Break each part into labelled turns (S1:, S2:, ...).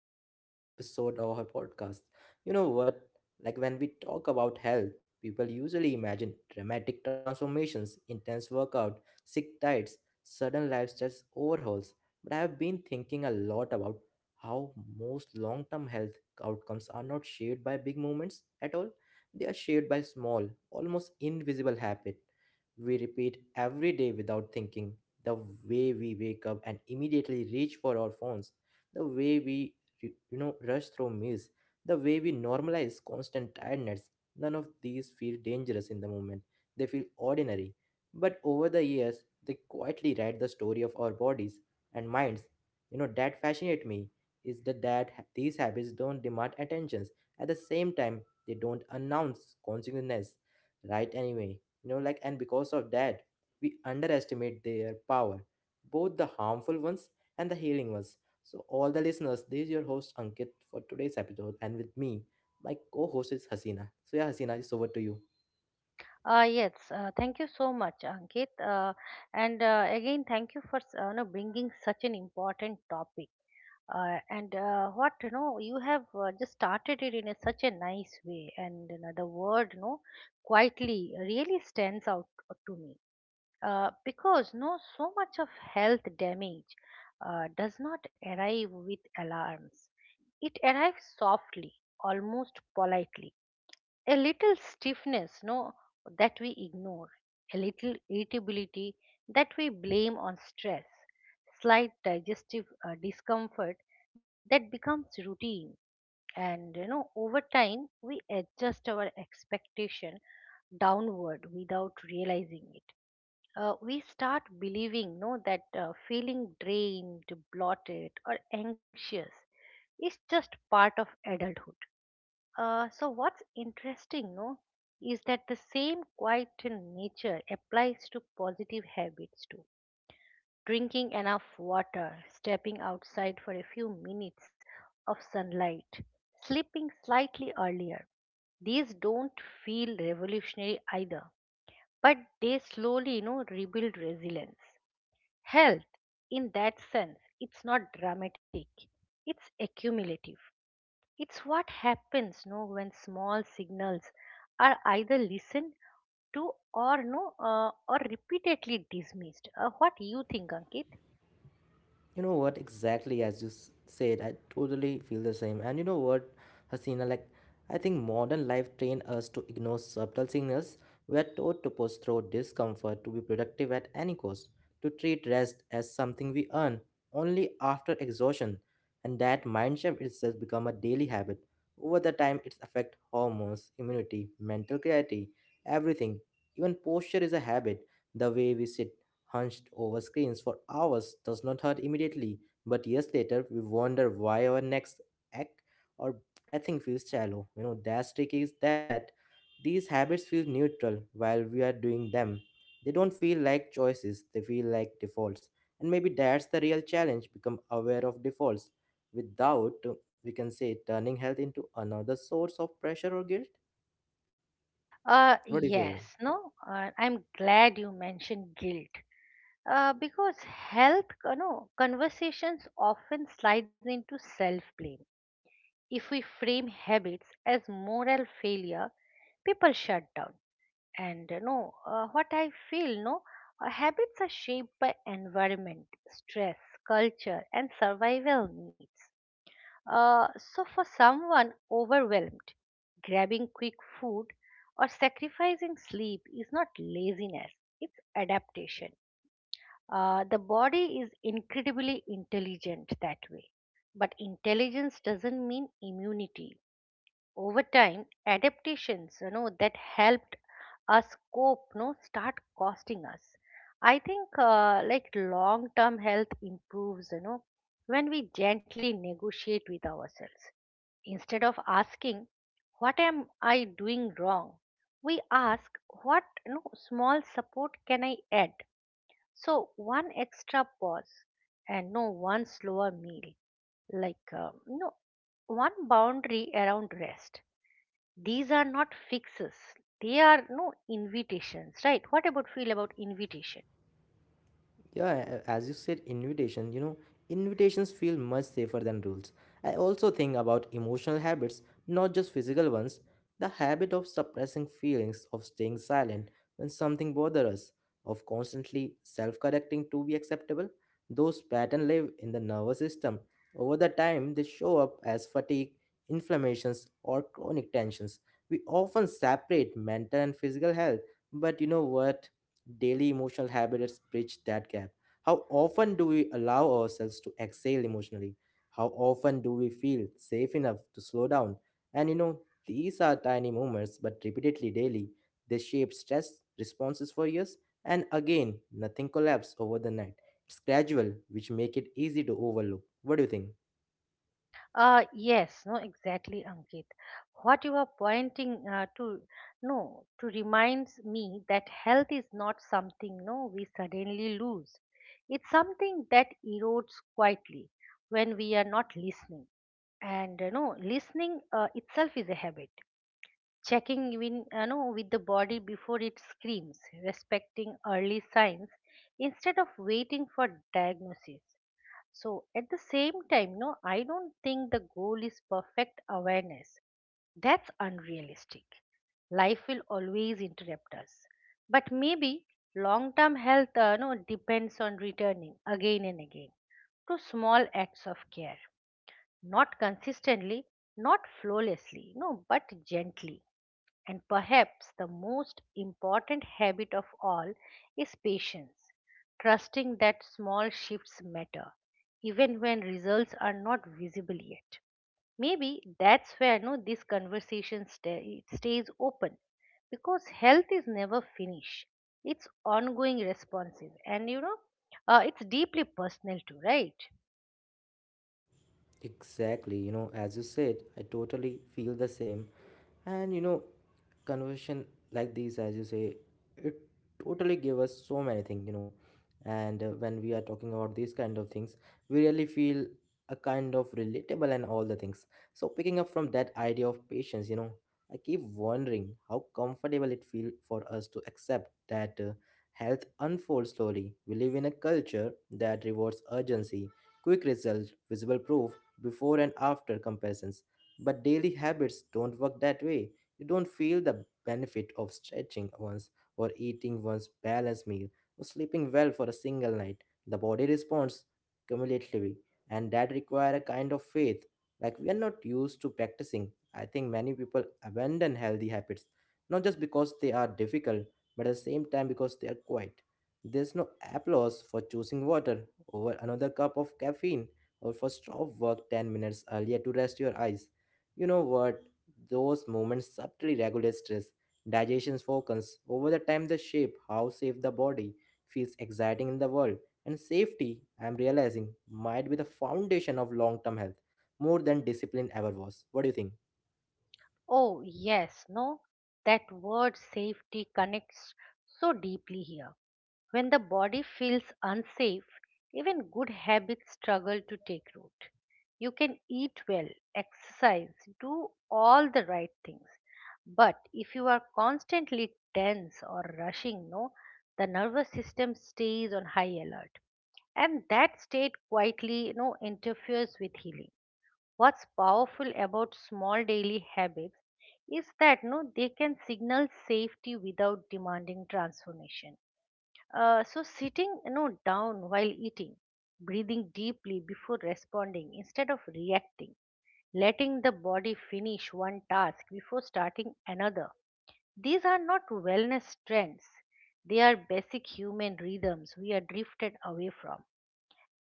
S1: the another episode of our podcast. You know what? Like when we talk about health, people usually imagine dramatic transformations, intense workout, sick diets, sudden lifestyle overhauls. But I have been thinking a lot about how most long-term health outcomes are not shaped by big movements at all. They are shaped by small, almost invisible habits we repeat every day without thinking the way we wake up and immediately reach for our phones, the way we rush through meals, the way we normalize constant tiredness, none of these feel dangerous in the moment. They feel ordinary. But over the years, they quietly write the story of our bodies and minds. You know, that fascinate me is that these habits don't demand attentions. At the same time, they don't announce consequences right anyway. Like and because of that, we underestimate their power, both the harmful ones and the healing ones. So, all the listeners, this is your host Ankit for today's episode, and with me, my co host is Hasina. So, yeah, Hasina, it's over to you.
S2: Yes, thank you so much, Ankit. And again, thank you for bringing such an important topic. And what you know, you have just started it in a, such a nice way, and you know, the word you know, quietly really stands out to me because no, so much of health damage does not arrive with alarms. It arrives softly, almost politely, a little stiffness, no, that we ignore, a little irritability that we blame on stress, slight digestive discomfort that becomes routine. And you know, over time we adjust our expectation downward without realizing it. We start believing, no, that feeling drained, bloated or anxious is just part of adulthood. So what's interesting, no, is that the same quiet nature applies to positive habits too. Drinking enough water, stepping outside for a few minutes of sunlight, sleeping slightly earlier. These don't feel revolutionary either, but they slowly, you know, rebuild resilience. Health, in that sense, it's not dramatic, it's accumulative. It's what happens, no, when small signals are either listened to, or no, or repeatedly dismissed. What do you think, Ankit?
S1: You know what? Exactly as you said, I totally feel the same. And you know what, Hasina, like I think modern life trained us to ignore subtle signals. We are taught to push through discomfort to be productive at any cost, to treat rest as something we earn only after exhaustion. And that mind shift itself become a daily habit. Over the time, it's affect hormones, immunity, mental clarity, everything. Even posture is a habit. The way we sit hunched over screens for hours does not hurt immediately, but years later we wonder why our next act or breathing feels shallow. You know, that's tricky is that these habits feel neutral while we are doing them. They don't feel like choices, they feel like defaults. And maybe that's the real challenge become aware of defaults without, we can say, turning health into another source of pressure or guilt. What do you feel?
S2: Yes, no. I'm glad you mentioned guilt. Because health, you know, conversations often slides into self-blame. If we frame habits as moral failure, people shut down. And what I feel, no, habits are shaped by environment, stress, culture and survival needs. uh, so for someone overwhelmed, grabbing quick food or sacrificing sleep is not laziness, it's adaptation. The body is incredibly intelligent that way, but intelligence doesn't mean immunity. Over time, adaptations, you know, that helped us cope, no, start costing us. I think like long term health improves, you know, when we gently negotiate with ourselves instead of asking, what am I doing wrong? We ask, what, you know, small support can I add? So one extra pause, and no, one slower meal, like, no, one boundary around rest. These are not fixes, they are, no, invitations. Right? What about feel about invitation?
S1: Yeah, as you said, invitation, invitations feel much safer than rules. I also think about emotional habits, not just physical ones. The habit of suppressing feelings, of staying silent when something bothers us, of constantly self correcting to be acceptable, those patterns live in the nervous system. Over the time, they show up as fatigue, inflammations, or chronic tensions. We often separate mental and physical health, but you know what? Daily emotional habits bridge that gap. How often do we allow ourselves to exhale emotionally? How often do we feel safe enough to slow down? And these are tiny moments, but repeatedly daily, they shape stress responses for years. And again, nothing collapses over the night. It's gradual, which make it easy to overlook. What do you think?
S2: Yes, no, exactly, Ankit. What you are pointing to, no, to reminds me that health is not something, no, we suddenly lose. It's something that erodes quietly when we are not listening. And you know, listening itself is a habit, checking in, you know, with the body before it screams, respecting early signs instead of waiting for diagnosis. So at the same time, no, I don't think the goal is perfect awareness. That's unrealistic. Life will always interrupt us. But maybe long-term health, no, depends on returning again and again to small acts of care, not consistently, not flawlessly, no, but gently. And perhaps the most important habit of all is patience, trusting that small shifts matter, even when results are not visible yet. Maybe that's where, no, this conversation stay, it stays open, because health is never finished. It's ongoing, responsive, and you know, it's deeply personal too, right?
S1: Exactly, as you said, I totally feel the same. And conversation like these, as you say, it totally gave us so many things, you know. And when we are talking about these kind of things, we really feel a kind of relatable and all the things. So picking up from that idea of patience, I keep wondering how comfortable it feel for us to accept that health unfolds slowly. We live in a culture that rewards urgency quick result, visible proof, before and after comparisons. But daily habits don't work that way. You don't feel the benefit of stretching once or eating one's balanced meal or sleeping well for a single night. The body responds cumulatively, and that requires a kind of faith like we are not used to practicing. I think many people abandon healthy habits not just because they are difficult, but at the same time because they are quiet. There's no applause for choosing water over another cup of caffeine or first off work 10 minutes earlier to rest your eyes. You know what? Those moments subtly regulate stress, digestion focus. Over the time, they shape how safe the body feels exciting in the world. And safety, I'm realizing, might be the foundation of long term health more than discipline ever was. What do you think?
S2: Oh yes, no, that word safety connects so deeply here. When the body feels unsafe, even good habits struggle to take root. You can eat well, exercise, do all the right things. But if you are constantly tense or rushing, no, the nervous system stays on high alert. And that state quietly, you know, interferes with healing. What's powerful about small daily habits is that, no, they can signal safety without demanding transformation. So sitting, you know, down while eating, breathing deeply before responding instead of reacting, letting the body finish one task before starting another, these are not wellness trends, they are basic human rhythms we are drifted away from.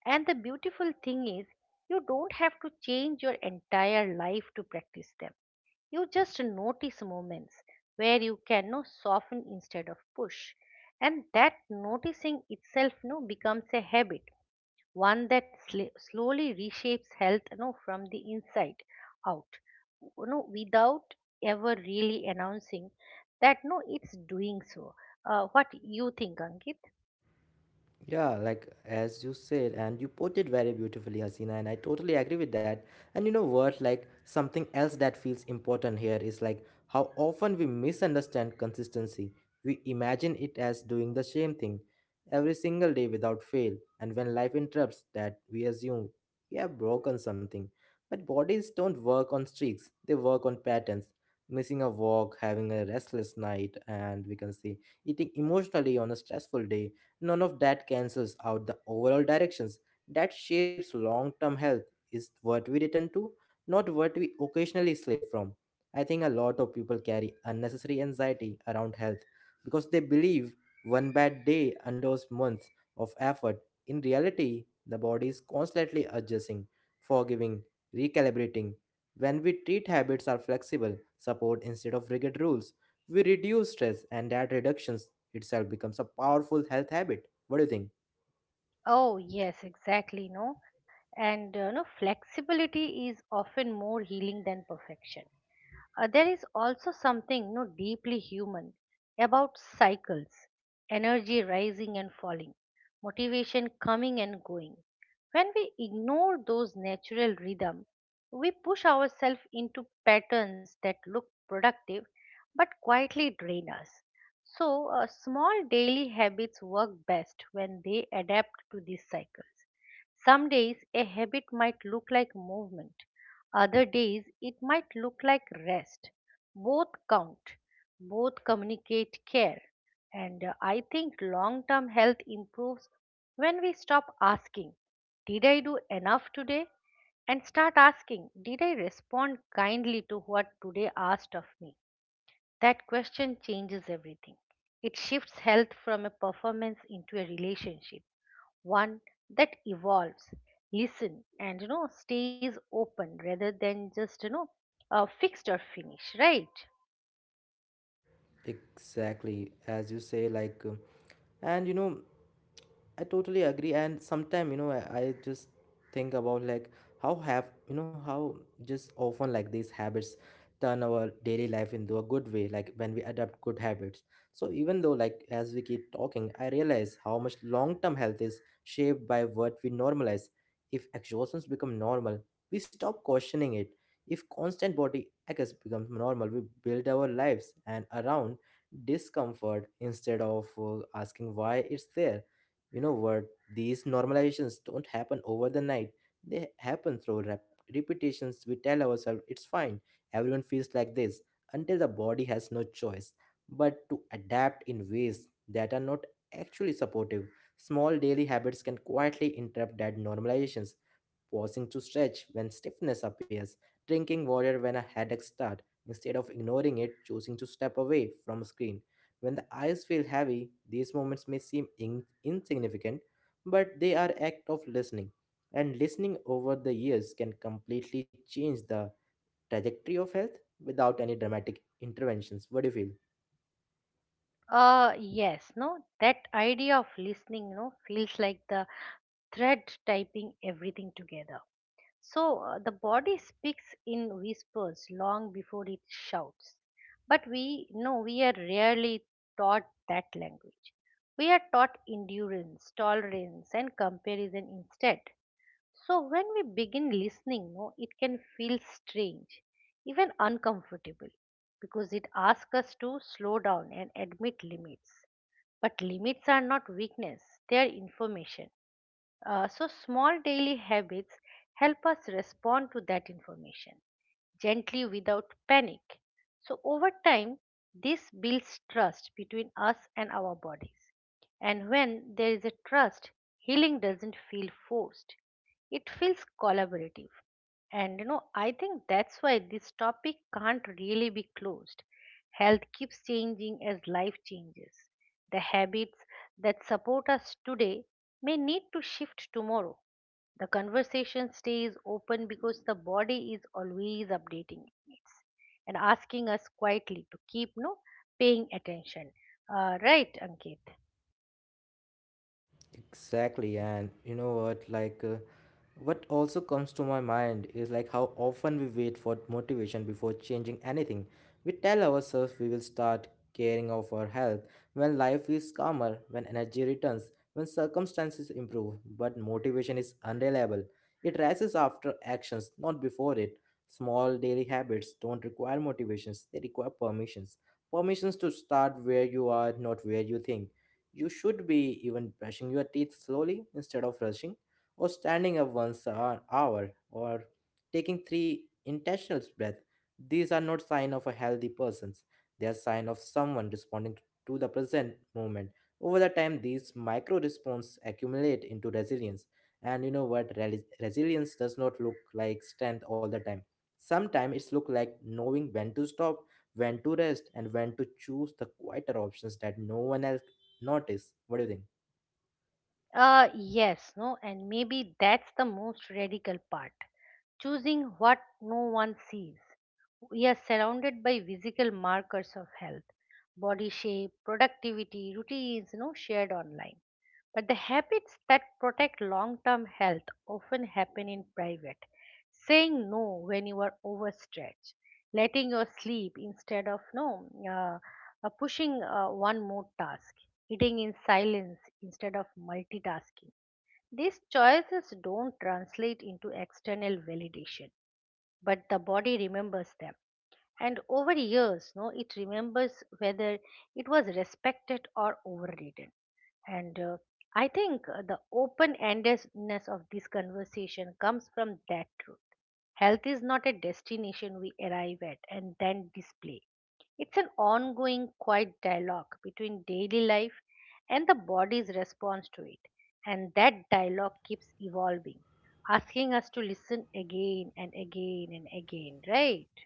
S2: And the beautiful thing is, you don't have to change your entire life to practice them. You just notice moments where you can, no, soften instead of push. And that noticing itself, no, becomes a habit, one that slowly reshapes health, no, from the inside out. No, without ever really announcing that, no, it's doing so. What you think, Ankit?
S1: Yeah, like as you said, and you put it very beautifully, Hasina, and I totally agree with that. And you know what? Like something else that feels important here is like how often we misunderstand consistency. We imagine it as doing the same thing every single day without fail, and when life interrupts that, we assume we have broken something. But bodies don't work on streaks; they work on patterns. Missing a walk, having a restless night, and we can say eating emotionally on a stressful day. None of that cancels out the overall directions that shapes long term health, is what we return to, not what we occasionally slip from. I think a lot of people carry unnecessary anxiety around health because they believe one bad day undoes months of effort. In reality, the body is constantly adjusting, forgiving, recalibrating. When we treat habits are flexible, support instead of rigid rules, we reduce stress and that reduction itself becomes a powerful health habit. What do you think?
S2: Oh yes, exactly. No, and no, flexibility is often more healing than perfection. There is also something, no, deeply human about cycles, energy rising and falling, motivation coming and going. When we ignore those natural rhythm, we push ourselves into patterns that look productive but quietly drain us. So, small daily habits work best when they adapt to these cycles. Some days a habit might look like movement, other days, it might look like rest. Both count, both communicate care. And I think long term health improves when we stop asking, did I do enough today? And start asking, did I respond kindly to what today asked of me? That question changes everything. It shifts health from a performance into a relationship, one that evolves, listen, and you know, stays open rather than just, you know, fixed or finish, right?
S1: Exactly, as you say, like, and I totally agree. And sometimes, I just think about like how have how just often like these habits turn our daily life into a good way. Like when we adopt good habits. So even though like as we keep talking, I realize how much long-term health is shaped by what we normalize. If exhaustions become normal, we stop questioning it. If constant body aches becomes normal, we build our lives and around discomfort instead of asking why it's there. You know what? These normalizations don't happen over the night. They happen through repetitions. We tell ourselves it's fine. Everyone feels like this until the body has no choice but to adapt in ways that are not actually supportive. Small daily habits can quietly interrupt that normalizations pausing to stretch when stiffness appears, drinking water when a headache starts, instead of ignoring it, choosing to step away from a screen. When the eyes feel heavy, these moments may seem insignificant, but they are act of listening. And listening over the years can completely change the trajectory of health without any dramatic interventions. What do you feel?
S2: Yes, no, that idea of listening, you know, feels like the thread typing everything together. So the body speaks in whispers long before it shouts, but we know, we are rarely taught that language. We are taught endurance, tolerance and comparison instead. So when we begin listening, no, it can feel strange, even uncomfortable, because it asks us to slow down and admit limits. But limits are not weakness, they are information. So, small daily habits help us respond to that information gently without panic. So, over time, this builds trust between us and our bodies. And when there is a trust, healing doesn't feel forced, it feels collaborative. And you know, I think that's why this topic can't really be closed. Health keeps changing as life changes. The habits that support us today may need to shift tomorrow. The conversation stays open because the body is always updating and asking us quietly to keep, no, paying attention. Right, Ankit.
S1: Exactly, and you know what? Like, what also comes to my mind is like how often we wait for motivation before changing anything. We tell ourselves we will start caring of our health when life is calmer, when energy returns, when circumstances improve. But motivation is unreliable. It rises after actions, not before it. Small daily habits don't require motivations; they require permissions. Permissions to start where you are, not where you think you should be even brushing your teeth slowly instead of rushing, or standing up once an hour, or taking three intentional breaths. These are not sign of a healthy person. They are sign of someone responding to the present moment. Over the time, these micro responses accumulate into resilience. And you know what? Resilience does not look like strength all the time. Sometimes it's look like knowing when to stop, when to rest, and when to choose the quieter options that no one else notice. What do you think?
S2: Yes, no, and maybe that's the most radical part, choosing what no one sees. We are surrounded by visible markers of health, body shape, productivity, routines, no, shared online. But the habits that protect long term health often happen in private. Saying no when you are overstretched, letting your sleep instead of, no, pushing one more task, eating in silence instead of multitasking. These choices don't translate into external validation, but the body remembers them. And over years, no, it remembers whether it was respected or overridden. And I think, the open endedness of this conversation comes from that truth. Health is not a destination we arrive at and then display, it's an ongoing quiet dialogue between daily life and the body's response to it. And that dialogue keeps evolving, asking us to listen again and again and again, right?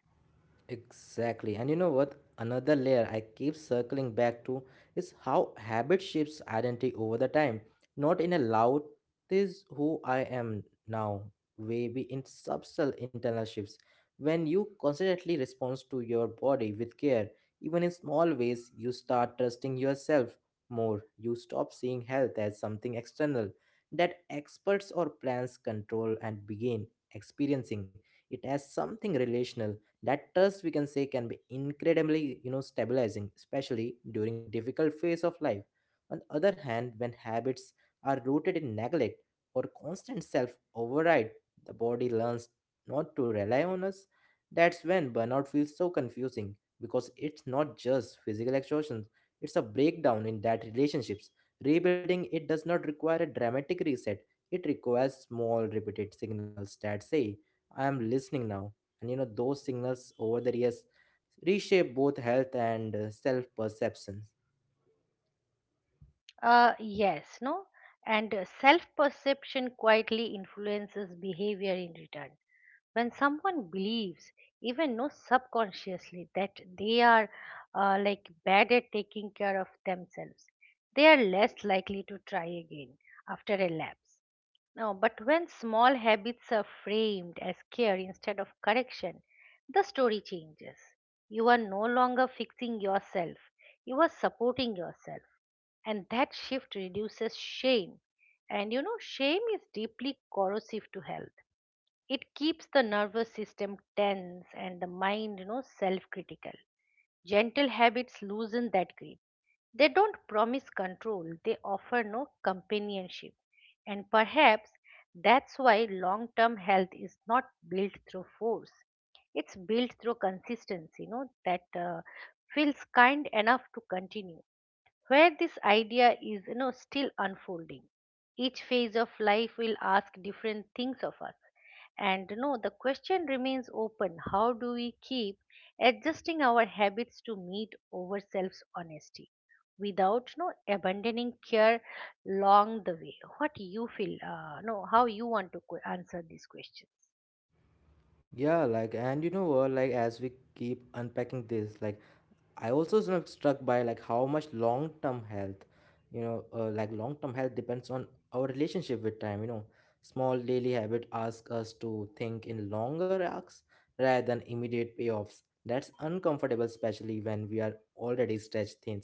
S1: Exactly. And you know what? Another layer I keep circling back to is how habit shapes identity over the time. Not in a loud, this is who I am now, maybe in subtle internal shifts. When you constantly respond to your body with care, even in small ways, you start trusting yourself more. You stop seeing health as something external that experts or plans control and begin experiencing it as something relational. That trust we can say can be incredibly stabilizing especially during difficult phase of life. On the other hand, when habits are rooted in neglect or constant self override, the body learns not to rely on us. That's when burnout feels so confusing because it's not just physical exhaustion, it's a breakdown in that relationships. Rebuilding it does not require a dramatic reset, it requires small repeated signals that say I am listening now. And those signals over the years reshape both health and self perceptions.
S2: Yes, no? And self perception quietly influences behavior in return. When someone believes, even no, subconsciously, that they are like bad at taking care of themselves, they are less likely to try again after a lapse. Now, but when small habits are framed as care instead of correction, the story changes. You are no longer fixing yourself, you are supporting yourself. And that shift reduces shame. And you know, shame is deeply corrosive to health. It keeps the nervous system tense and the mind, you know, self critical. Gentle habits loosen that grip. They don't promise control, they offer, no, companionship. And perhaps that's why long term health is not built through force. It's built through consistency, you know, that feels kind enough to continue, where this idea is, you know, still unfolding. Each phase of life will ask different things of us, and you know, the question remains open, how do we keep adjusting our habits to meet our self's honesty without, you know, abandoning care along the way? What you feel, no, how you want to answer these questions?
S1: Yeah, like and you know what like as we keep unpacking this like I also sort of struck by like how much long term health, like long term health depends on our relationship with time. You know, small daily habit ask us to think in longer arcs rather than immediate payoffs. That's uncomfortable, especially when we are already stretched thin.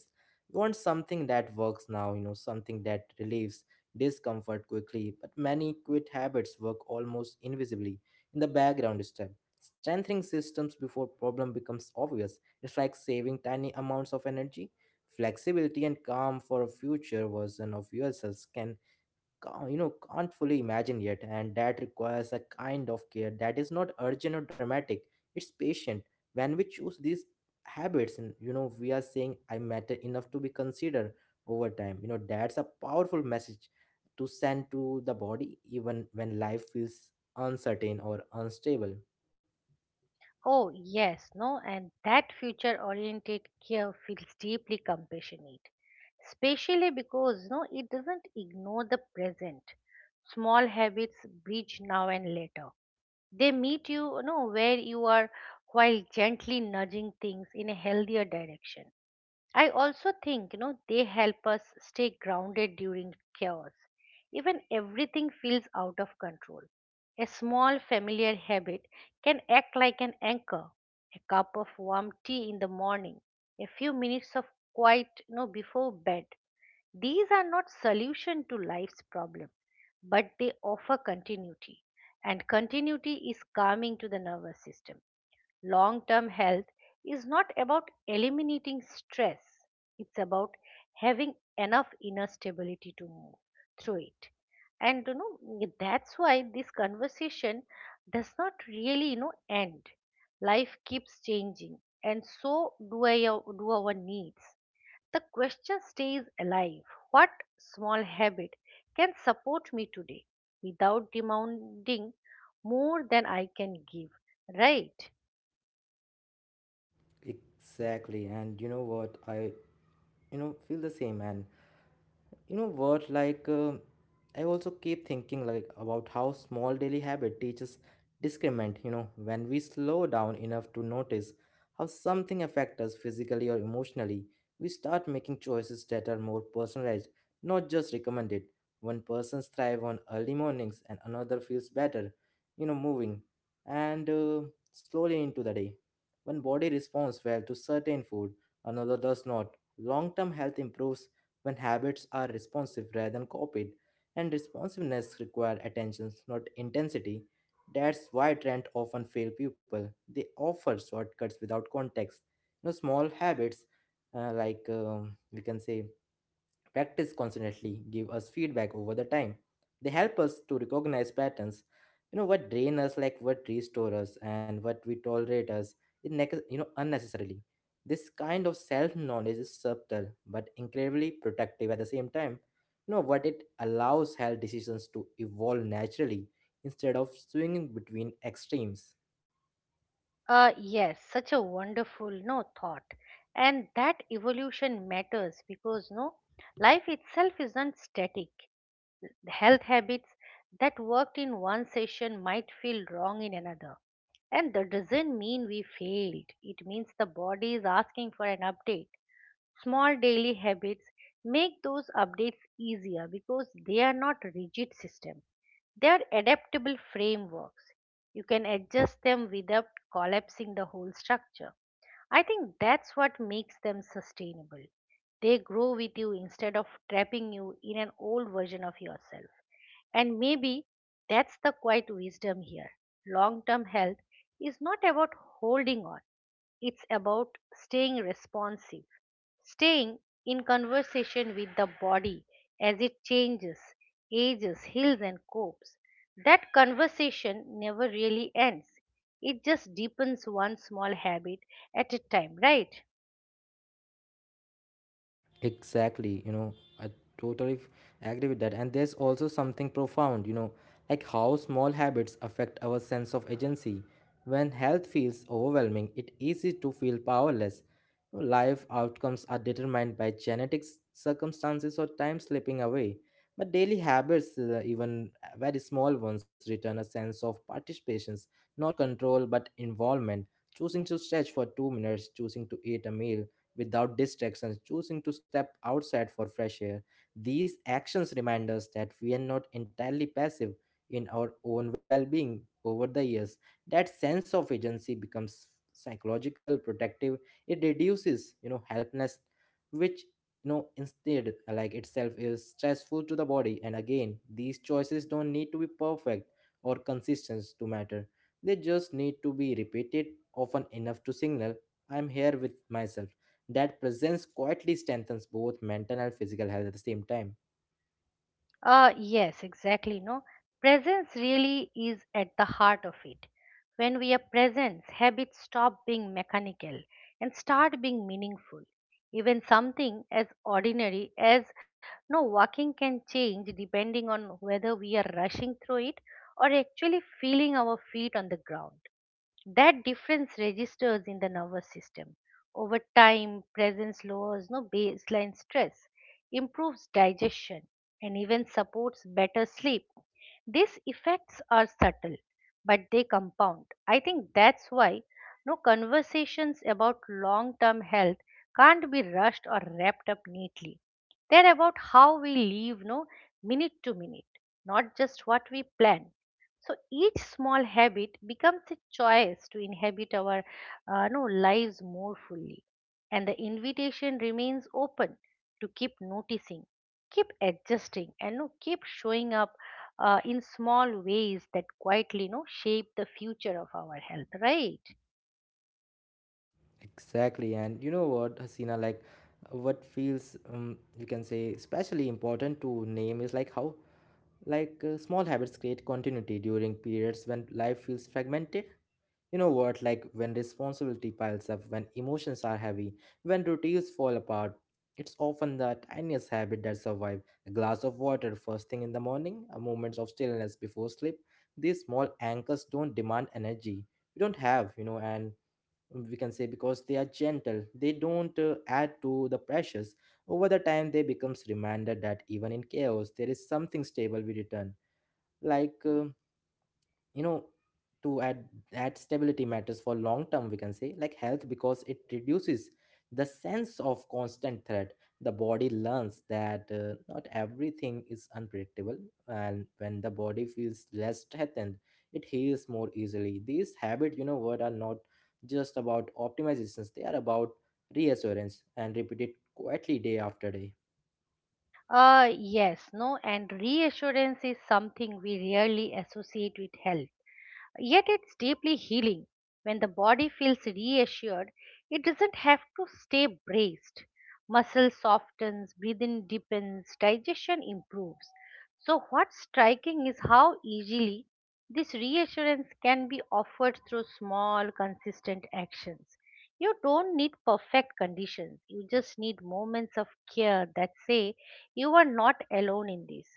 S1: We want something that works now, something that relieves discomfort quickly. But many quit habits work almost invisibly in the background step, strengthening systems before problem becomes obvious it's like saving tiny amounts of energy. Flexibility and calm for a future version of yourselves can't fully imagine yet, and that requires a kind of care that is not urgent or dramatic. It's patient. When we choose these habits, we are saying I matter enough to be considered over time. That's a powerful message to send to the body, even when life feels uncertain or unstable.
S2: Oh, yes, no, and that future oriented care feels deeply compassionate, especially because, no, it doesn't ignore the present. Small habits bridge now and later. They meet you, you know, where you are, while gently nudging things in a healthier direction. I also think, you know, they help us stay grounded during chaos. Even everything feels out of control, a small familiar habit can act like an anchor. A cup of warm tea in the morning, a few minutes of quiet, you know, before bed. These are not solution to life's problem, but they offer continuity, and continuity is calming to the nervous system. Long term health is not about eliminating stress, it's about having enough inner stability to move through it. And you know, that's why this conversation does not really, you know, end. Life keeps changing, and so do, I, do our needs. The question stays alive, what small habit can support me today without demanding more than I can give? Right?
S1: Exactly. And you know what? I feel the same. And you know what, like, I also keep thinking, like, about how small daily habit teaches discernment. When we slow down enough to notice how something affects us physically or emotionally, we start making choices that are more personalized, not just recommended. One person thrives on early mornings and another feels better, moving and slowly into the day. One body responds well to certain food, another does not. Long term health improves when habits are responsive rather than copied, and responsiveness requires attention, not intensity. That's why trends often fail people. They offer shortcuts without context. Small habits, we can say, practice constantly give us feedback over the time. They help us to recognize patterns, what drain us, like what restore us, and what we tolerate us, in nec- you know, unnecessarily. This kind of self-knowledge is subtle but incredibly protective at the same time. You know what it allows health decisions to evolve naturally instead of swinging between extremes.
S2: Yes, such a wonderful no thought, and that evolution matters because no life itself isn't static. Health habits that worked in one session might feel wrong in another, and that doesn't mean we failed. It means the body is asking for an update. Small daily habits make those updates easier because they are not rigid systems, they are adaptable frameworks. You can adjust them without collapsing the whole structure. I think that's what makes them sustainable. They grow with you instead of trapping you in an old version of yourself. And maybe that's the quiet wisdom here. Long term health is not about holding on, it's about staying responsive. Staying in conversation with the body as it changes, ages, heals, and copes. That conversation never really ends. It just deepens one small habit at a time, right?
S1: Exactly, I totally agree with that. And there's also something profound, like how small habits affect our sense of agency. When health feels overwhelming, it's easy to feel powerless. Life outcomes are determined by genetics, circumstances, or time slipping away. But daily habits, even very small ones, return a sense of participation, not control but involvement. Choosing to stretch for 2 minutes, choosing to eat a meal, without distractions, choosing to step outside for fresh air. These actions remind us that we are not entirely passive in our own well being over the years. That sense of agency becomes psychological protective. It reduces, helplessness, which, instead, like, itself is stressful to the body. And again, these choices don't need to be perfect or consistent to matter. They just need to be repeated often enough to signal I'm here with myself. That presence quietly strengthens both mental and physical health at the same time.
S2: Yes, exactly. No, presence really is at the heart of it. When we are present, habits stop being mechanical and start being meaningful. Even something as ordinary as no walking can change depending on whether we are rushing through it or actually feeling our feet on the ground. That difference registers in the nervous system. Over time, presence lowers no baseline stress, improves digestion, and even supports better sleep. These effects are subtle, but they compound. I think that's why no conversations about long-term health can't be rushed or wrapped up neatly. They're about how we live, no minute to minute, not just what we plan. So each small habit becomes a choice to inhabit our no, lives more fully. And the invitation remains open to keep noticing, keep adjusting, and no, keep showing up in small ways that quietly no, shape the future of our health, right?
S1: Exactly. And you know what, Hasina, like what feels you can say especially important to name is like how, small habits create continuity during periods when life feels fragmented. You know what? Like, when responsibility piles up, when emotions are heavy, when routines fall apart, it's often the tiniest habit that survive. A glass of water first thing in the morning, a moment of stillness before sleep. These small anchors don't demand energy. We don't have, and we can say because they are gentle, they don't add to the pressures. Over the time, they becomes reminder that even in chaos, there is something stable we return. Like uh, you know to add, that stability matters for long term, we can say, like health, because it reduces the sense of constant threat. The body learns that, not everything is unpredictable, and when the body feels less threatened, it heals more easily. These habit, you know what are not just about optimizations, they are about reassurance and repeated quietly day after day.
S2: Yes, no, and reassurance is something we rarely associate with health. Yet it's deeply healing. When the body feels reassured, it doesn't have to stay braced. Muscle softens, breathing deepens, digestion improves. So, what's striking is how easily this reassurance can be offered through small, consistent actions. You don't need perfect conditions, you just need moments of care that say you are not alone in this.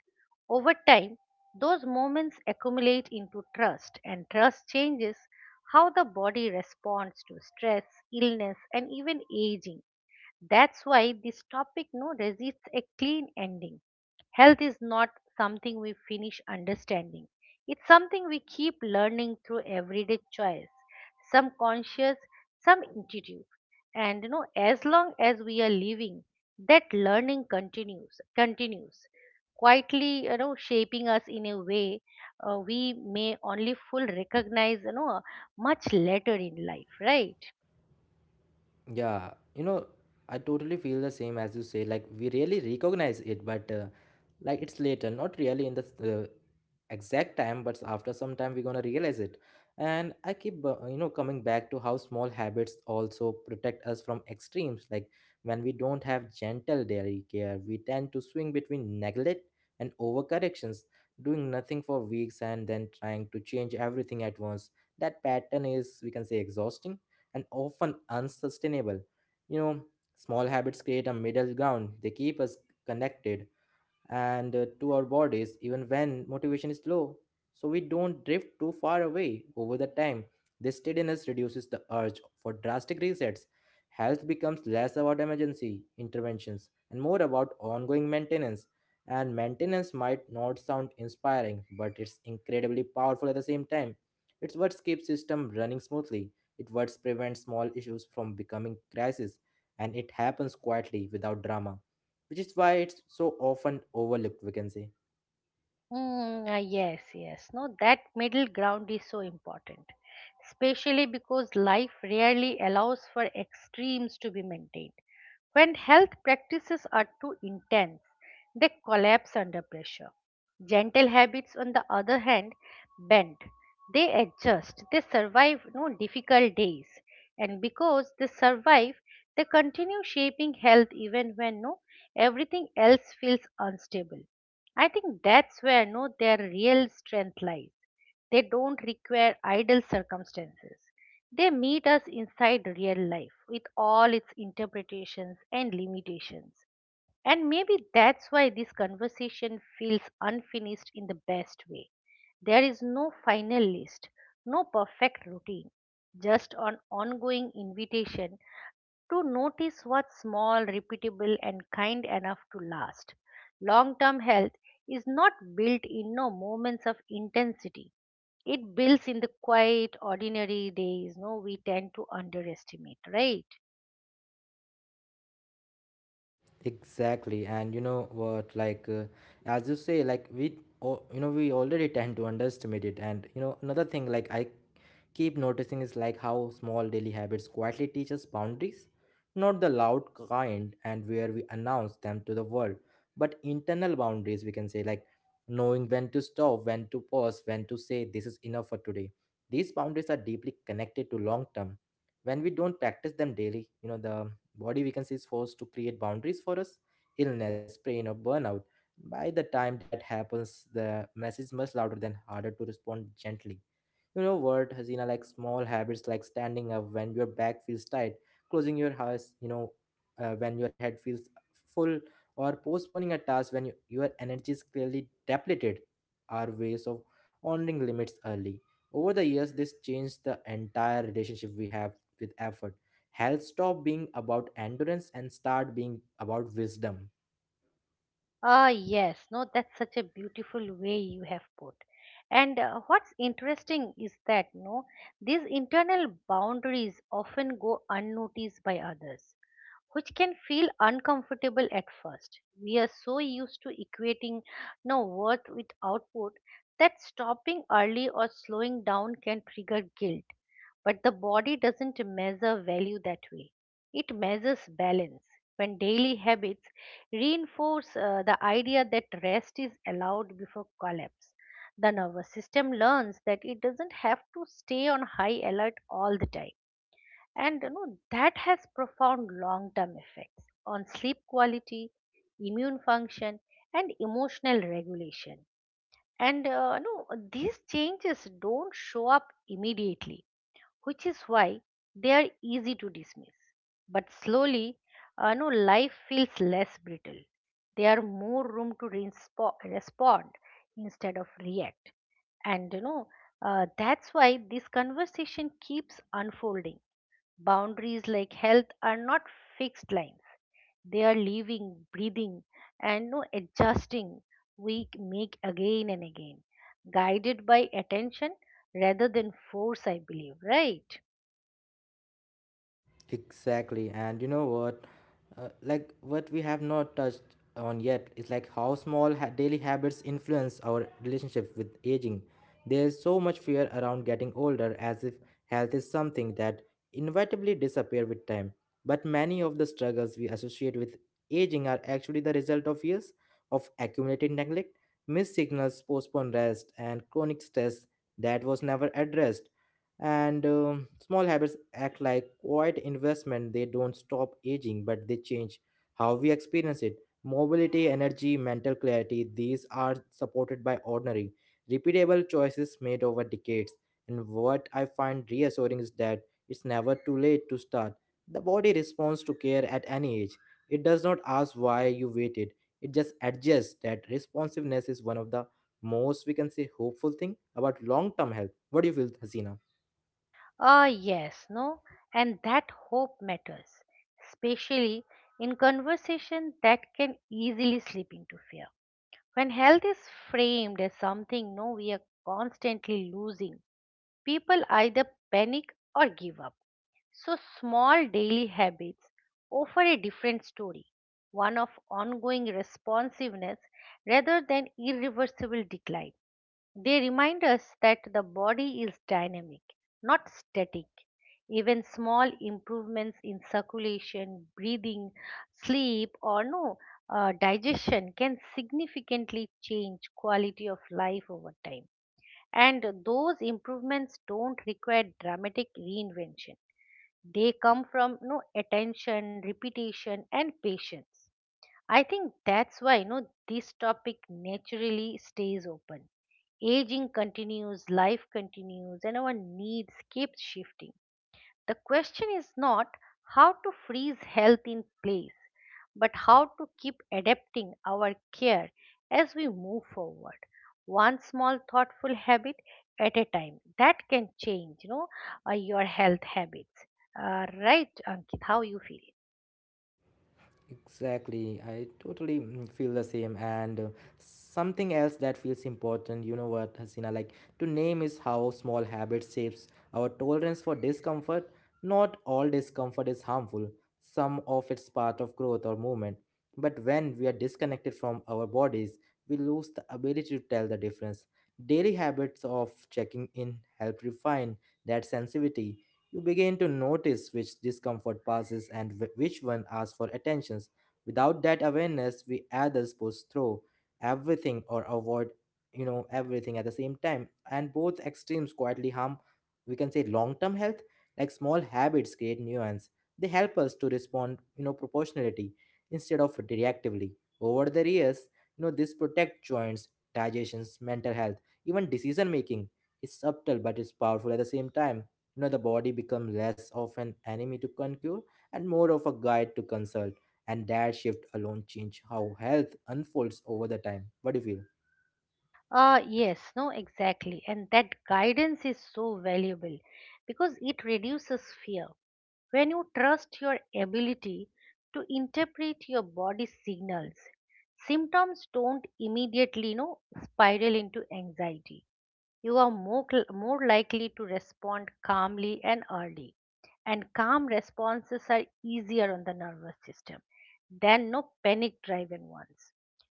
S2: Over time, those moments accumulate into trust, and trust changes how the body responds to stress, illness, and even aging. That's why this topic no resists a clean ending. Health is not something we finish understanding. It's something we keep learning through everyday choice, some conscious, some intuitive. And you know, as long as we are living, that learning continues, quietly, you know, shaping us in a way we may only full recognize, you know, much later in life, right?
S1: Yeah, I totally feel the same as you say. Like, we really recognize it, but, like, it's later, not really in the exact time, but after some time we're gonna realize it. And I keep, coming back to how small habits also protect us from extremes. Like, when we don't have gentle daily care, we tend to swing between neglect and overcorrections, doing nothing for weeks and then trying to change everything at once. That pattern is, we can say, exhausting and often unsustainable. You know, small habits create a middle ground. They keep us connected and to our bodies even when motivation is low, so we don't drift too far away over the time. This steadiness reduces the urge for drastic resets. Health becomes less about emergency interventions and more about ongoing maintenance. And maintenance might not sound inspiring, but it's incredibly powerful at the same time. It's what keeps system running smoothly. It what prevents small issues from becoming crisis. And it happens quietly without drama, which is why it's so often overlooked, we can say.
S2: Yes, yes. No, that middle ground is so important, especially because life rarely allows for extremes to be maintained. When health practices are too intense, they collapse under pressure. Gentle habits, on the other hand, bend. They adjust. They survive no difficult days, and because they survive, they continue shaping health even when no everything else feels unstable. I think that's where no their real strength lies. They don't require ideal circumstances. They meet us inside real life with all its interpretations and limitations. And maybe that's why this conversation feels unfinished in the best way. There is no final list, no perfect routine, just an ongoing invitation to notice what's small, repeatable, and kind enough to last. Long term health is not built in no moments of intensity. It builds in the quiet, ordinary days, no, we tend to underestimate, right?
S1: Exactly. And you know what, as you say, like, we or you know we already tend to underestimate it. And, another thing, like, I keep noticing is like how small daily habits quietly teach us boundaries, not the loud kind and where we announce them to the world, but internal boundaries, we can say, like knowing when to stop, when to pause, when to say this is enough for today. These boundaries are deeply connected to long term. When we don't practice them daily, the body, we can say, is forced to create boundaries for us, illness, pain, or burnout. By the time that happens, the message much louder than harder to respond gently. You know what, Hasina, like small habits like standing up when your back feels tight, closing your eyes, when your head feels full, or postponing a task when you, your energy is clearly depleted are ways of honoring limits early. Over the years, this changed the entire relationship we have with effort. Health stopped being about endurance and start being about wisdom.
S2: Ah, yes, no, that's such a beautiful way you have put. And what's interesting is that no, these internal boundaries often go unnoticed by others which can feel uncomfortable at first. We are so used to equating no worth with output that stopping early or slowing down can trigger guilt. But the body doesn't measure value that way. It measures balance. When daily habits reinforce the idea that rest is allowed before collapse, the nervous system learns that it doesn't have to stay on high alert all the time, and you know that has profound long term effects on sleep quality, immune function, and emotional regulation. And you know, these changes don't show up immediately, which is why they are easy to dismiss. But slowly, you know, life feels less brittle. There are more room to respond instead of react. And you know, that's why this conversation keeps unfolding. Boundaries like health are not fixed lines. They are living, breathing, and no adjusting we make again and again, guided by attention rather than force, I believe, right?
S1: Exactly. And you know what? Like, what we have not touched on yet is like how daily habits influence our relationship with aging. There's so much fear around getting older as if health is something that inevitably disappear with time. But many of the struggles we associate with aging are actually the result of years of accumulated neglect, missed signals, postponed rest, and chronic stress that was never addressed. And small habits act like quiet investment. They don't stop aging, but they change how we experience it. Mobility, energy, mental clarity, these are supported by ordinary, repeatable choices made over decades. And what I find reassuring is that it's never too late to start. The body responds to care at any age. It does not ask why you waited. It just adjusts. That responsiveness is one of the most, we can say, hopeful thing about long-term health. What do you feel, Hasina?
S2: Ah, yes, no, and that hope matters, especially in conversation that can easily slip into fear. When health is framed as something no we are constantly losing, people either panic or give up. So, small daily habits offer a different story, one of ongoing responsiveness rather than irreversible decline. They remind us that the body is dynamic, not static. Even small improvements in circulation, breathing, sleep, or no digestion can significantly change quality of life over time. And those improvements don't require dramatic reinvention. They come from no attention, repetition, and patience. I think that's why no this topic naturally stays open. Aging continues, life continues, and our needs keep shifting. The question is not how to freeze health in place, but how to keep adapting our care as we move forward, one small thoughtful habit at a time that can change, you know, your health habits. Right, ankit, how you feel?
S1: Exactly. I totally feel the same. And, something else that feels important, you know what, Hasina, like to name is how small habits shapes our tolerance for discomfort. Not all discomfort is harmful. Some of it's part of growth or movement. But when we are disconnected from our bodies, we lose the ability to tell the difference. Daily habits of checking in help refine that sensitivity. You begin to notice which discomfort passes and which one asks for attentions. Without that awareness, we others push through everything or avoid, everything at the same time. And both extremes quietly harm, we can say, long-term health. Like, small habits create nuance. They help us to respond, proportionality instead of reactively. Over the years, this protect joints, digestions, mental health, even decision making. It's subtle, but it's powerful at the same time. The body becomes less of an enemy to conquer and more of a guide to consult. And that shift alone change how health unfolds over the time. What do you feel?
S2: Yes, no, exactly, and that guidance is so valuable because it reduces fear. When you trust your ability to interpret your body's signals, symptoms don't immediately, you know, spiral into anxiety. You are more likely to respond calmly and early. And calm responses are easier on the nervous system than no panic driven ones.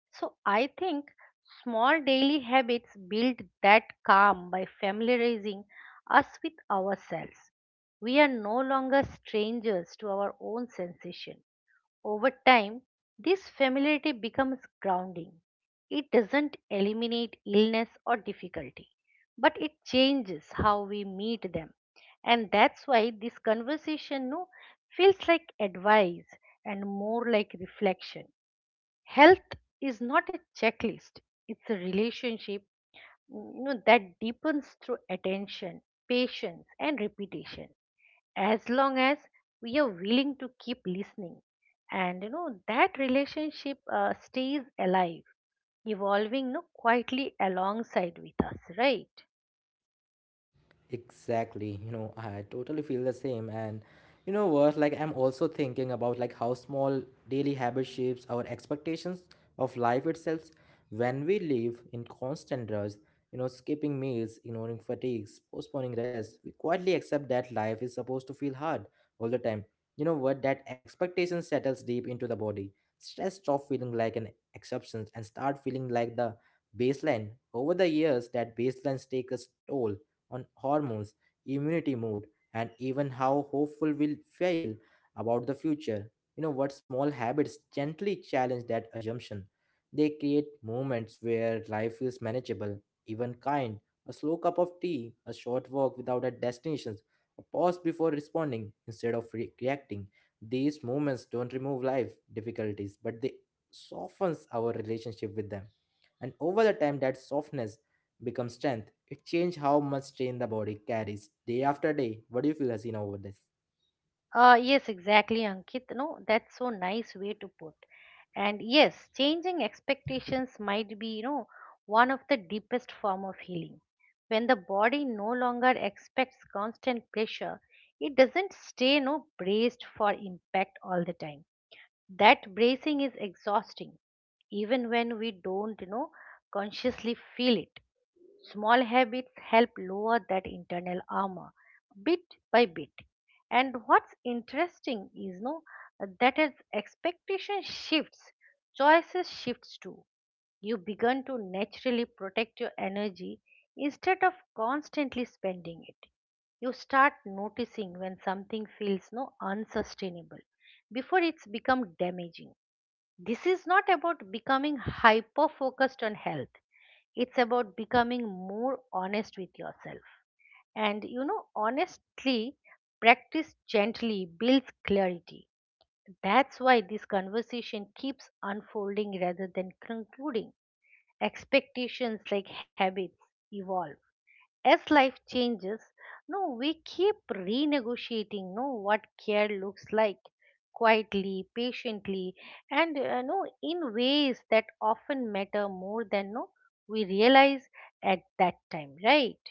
S2: So I think small daily habits build that calm by familiarizing us with ourselves. We are no longer strangers to our own sensation. Over time, this familiarity becomes grounding. It doesn't eliminate illness or difficulty, but it changes how we meet them. And that's why this conversation no, feels like advice and more like reflection. Health is not a checklist, it's a relationship, you know, that deepens through attention, patience, and repetition. As long as we are willing to keep listening, and you know that relationship, stays alive, evolving, you know, quietly alongside with us, right?
S1: Exactly. I totally feel the same. And you know what? Like, I'm also thinking about like how small daily habit shapes our expectations of life itself. When we live in constant rush, skipping meals, ignoring fatigues, postponing rest, we quietly accept that life is supposed to feel hard all the time. You know what? That expectation settles deep into the body. Stress stop feeling like an exception and start feeling like the baseline. Over the years, that baseline takes a toll on hormones, immunity, mood, and even how hopeful we'll feel about the future. You know what, small habits gently challenge that assumption. They create moments where life feels manageable, even kind. A slow cup of tea, a short walk without a destination, a pause before responding instead of reacting. These moments don't remove life difficulties, but they softens our relationship with them. And over the time, that softness become strength. It changed how much strain the body carries day after day. What do you feel, Hasina, over this?
S2: Yes, exactly, ankit, no, that's so nice way to put. And yes, changing expectations might be, you know, one of the deepest form of healing. When the body no longer expects constant pressure, it doesn't stay no braced for impact all the time. That bracing is exhausting, even when we don't, you know, consciously feel it. Small habits help lower that internal armor bit by bit. And what's interesting is no that as expectation shifts, choices shifts too. You begin to naturally protect your energy instead of constantly spending it. You start noticing when something feels no unsustainable before it's become damaging. This is not about becoming hyper focused on health. It's about becoming more honest with yourself. And you know, honestly, practice gently builds clarity. That's why this conversation keeps unfolding rather than concluding. Expectations like habits evolve, as life changes, no, we keep renegotiating no what care looks like, quietly, patiently, and no, in ways that often matter more than no we realize at that time, right?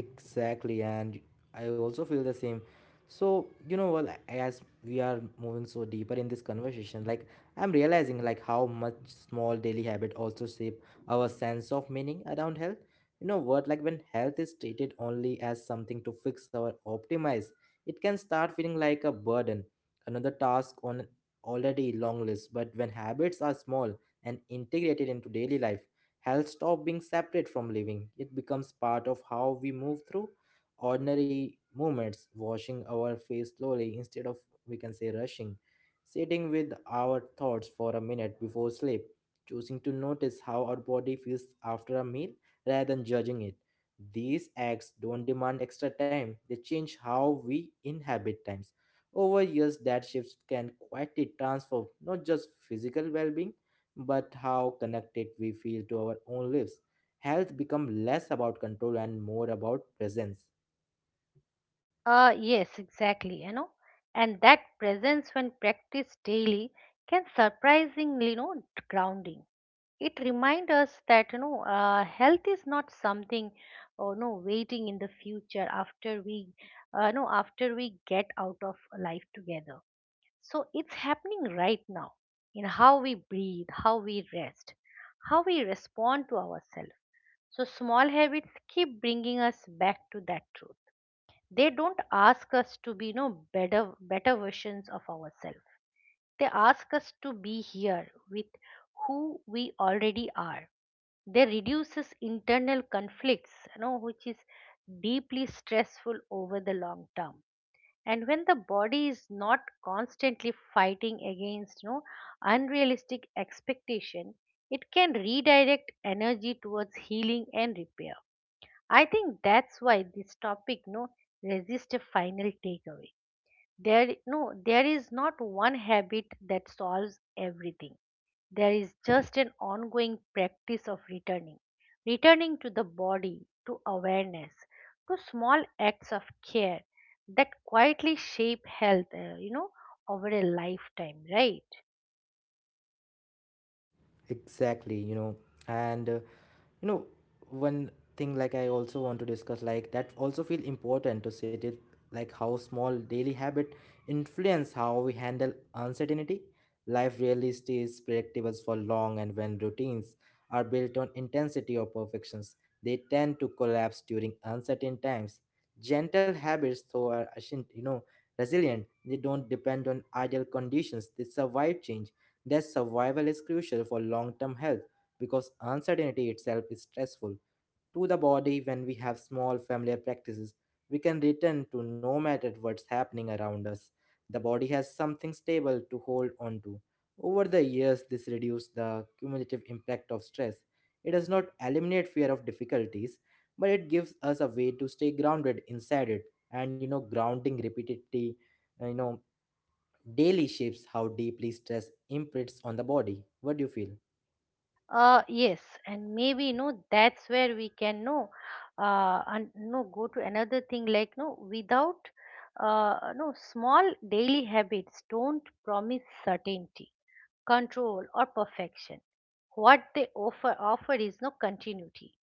S1: Exactly, and I also feel the same. As we are moving so deeper in this conversation, I'm realizing like how much small daily habit also shape our sense of meaning around health. You know what, like when health is treated only as something to fix or optimize, it can start feeling like a burden, another task on an already long list. But when habits are small and integrated into daily life, health stops being separate from living. It becomes part of how we move through ordinary moments, washing our face slowly instead of, we can say, rushing, sitting with our thoughts for a minute before sleep, choosing to notice how our body feels after a meal rather than judging it. These acts don't demand extra time, they change how we inhabit times. Over years, that shifts can quietly transform not just physical well being but how connected we feel to our own lives. Health becomes less about control and more about presence.
S2: Yes, exactly, you know, and that presence when practiced daily can surprisingly, you know, grounding. It reminds us that, you know, health is not something or no waiting in the future after we no, after we get out of life together. So it's happening right now, in how we breathe, how we rest, how we respond to ourselves. So small habits keep bringing us back to that truth. They don't ask us to be no better versions of ourselves, they ask us to be here with who we already are. They reduces internal conflicts, you know, which is deeply stressful over the long term. And when the body is not constantly fighting against, you know, unrealistic expectation, it can redirect energy towards healing and repair. I think that's why this topic no resist a final takeaway. There no there is not one habit that solves everything. There is just an ongoing practice of returning to the body, to awareness, to small acts of care that quietly shape health, you know, over a lifetime, right?
S1: Exactly, you know, and you know one thing like I also want to discuss, like that also feel important to sit it, like how small daily habit influence how we handle uncertainty. Life really stays predictable for long, and when routines are built on intensity or perfections, they tend to collapse during uncertain times. Gentle habits, though, are resilient. They don't depend on ideal conditions, they survive change. Their survival is crucial for long term health, because uncertainty itself is stressful to the body. When we have small familiar practices we can return to no matter what's happening around us, the body has something stable to hold on to. Over the years, this reduces the cumulative impact of stress. It does not eliminate fear of difficulties, but it gives us a way to stay grounded inside it. And you know, grounding repeatedly, uh, you know daily, shapes how deeply stress imprints on the body. What do you feel?
S2: Yes, and maybe you know that's where we can know, and no go to another thing like no without, no, small daily habits don't promise certainty, control or perfection. What they offer is no continuity,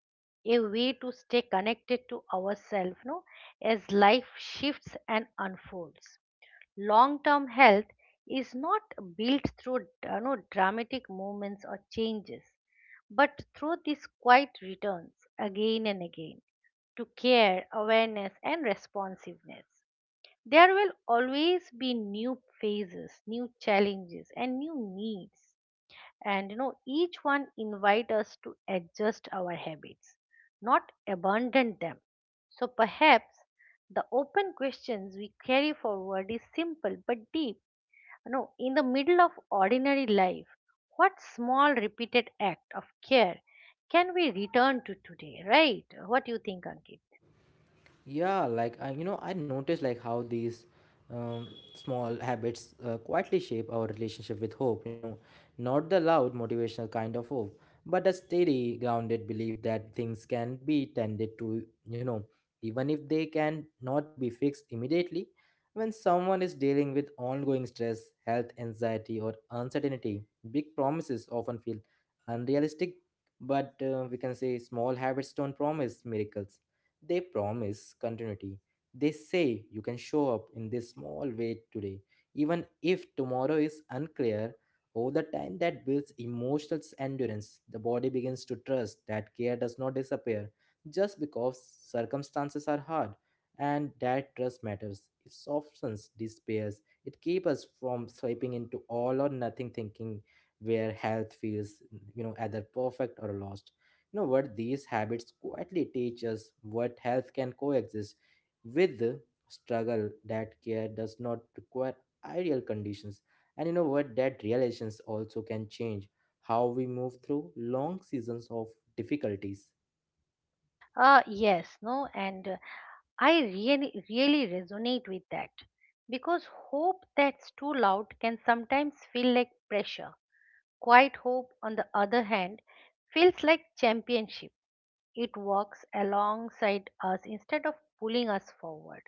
S2: a way to stay connected to ourselves, no, as life shifts and unfolds. Long term health is not built through no, dramatic movements or changes, but through these quiet returns again and again to care, awareness, and responsiveness. There will always be new phases, new challenges, and new needs, and each one invite us to adjust our habits, not abandon them. So perhaps the open questions we carry forward is simple but deep. You know, in the middle of ordinary life, what small repeated act of care can we return to today, right? What do you think, Ankit?
S1: Yeah, like I, you know, I noticed like how these um, small habits quietly shape our relationship with hope. You know, not the loud motivational kind of hope, but a steady, grounded belief that things can be tended to. You know, even if they can not be fixed immediately. When someone is dealing with ongoing stress, health anxiety, or uncertainty, big promises often feel unrealistic. But we can say small habits don't promise miracles, they promise continuity. They say you can show up in this small way today, even if tomorrow is unclear. Over the time that builds emotional endurance, the body begins to trust that care does not disappear just because circumstances are hard, and that trust matters. It softens despairs. It keeps us from slipping into all or nothing thinking where health feels, you know, either perfect or lost. You know what? These habits quietly teach us what health can coexist with the struggle, that care does not require ideal conditions. And you know what? That realizations also can change how we move through long seasons of difficulties.
S2: Uh yes no and uh, i really resonate with that because hope that's too loud can sometimes feel like pressure. Quiet hope, on the other hand, feels like championship. It walks alongside us instead of pulling us forward.